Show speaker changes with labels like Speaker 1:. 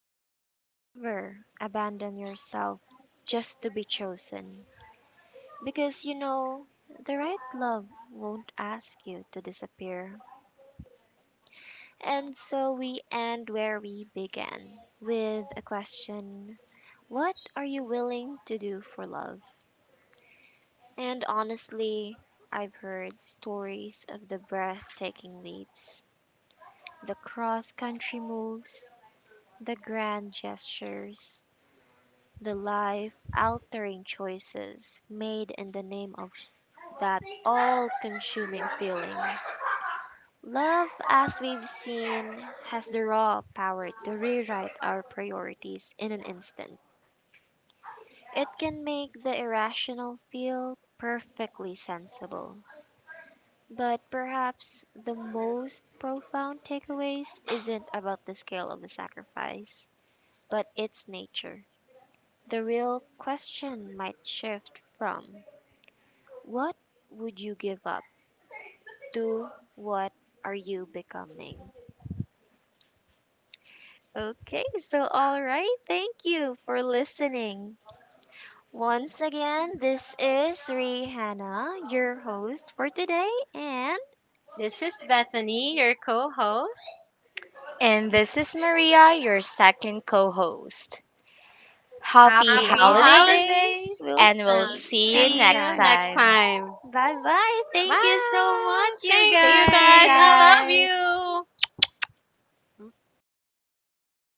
Speaker 1: ever abandon yourself just to be chosen. Because the right love won't ask you to disappear. And so we end where we began with a question: what are you willing to do for love? And honestly, I've heard stories of the breathtaking leaps, the cross country moves, the grand gestures, the life altering choices made in the name of that all consuming feeling. Love, as we've seen, has the raw power to rewrite our priorities in an instant. It can make the irrational feel perfectly sensible. But perhaps the most profound takeaways isn't about the scale of the sacrifice, but its nature. The real question might shift from "What would you give up to?" What are you becoming? Okay, so all right, thank you for listening. Once again, this is Rihanna, your host for today, and
Speaker 2: This
Speaker 1: this is
Speaker 2: is
Speaker 1: Beth,
Speaker 2: Bethany, your co
Speaker 1: host,
Speaker 2: host.
Speaker 3: And
Speaker 1: and this,
Speaker 3: this is Maria, your second co host.
Speaker 1: happy
Speaker 3: Happy
Speaker 1: happy holidays.
Speaker 2: Holidays.
Speaker 3: holidays,
Speaker 1: We'll
Speaker 3: and we'll
Speaker 2: I'll
Speaker 1: see you
Speaker 3: see you
Speaker 1: next
Speaker 2: see
Speaker 3: next
Speaker 2: you
Speaker 1: time.
Speaker 2: next
Speaker 3: time.
Speaker 2: time.
Speaker 1: Bye bye. Thank you so much,
Speaker 2: Bye.
Speaker 1: you
Speaker 2: Thank you guys. I
Speaker 1: guys.
Speaker 2: love you.
Speaker 1: Kinahanglan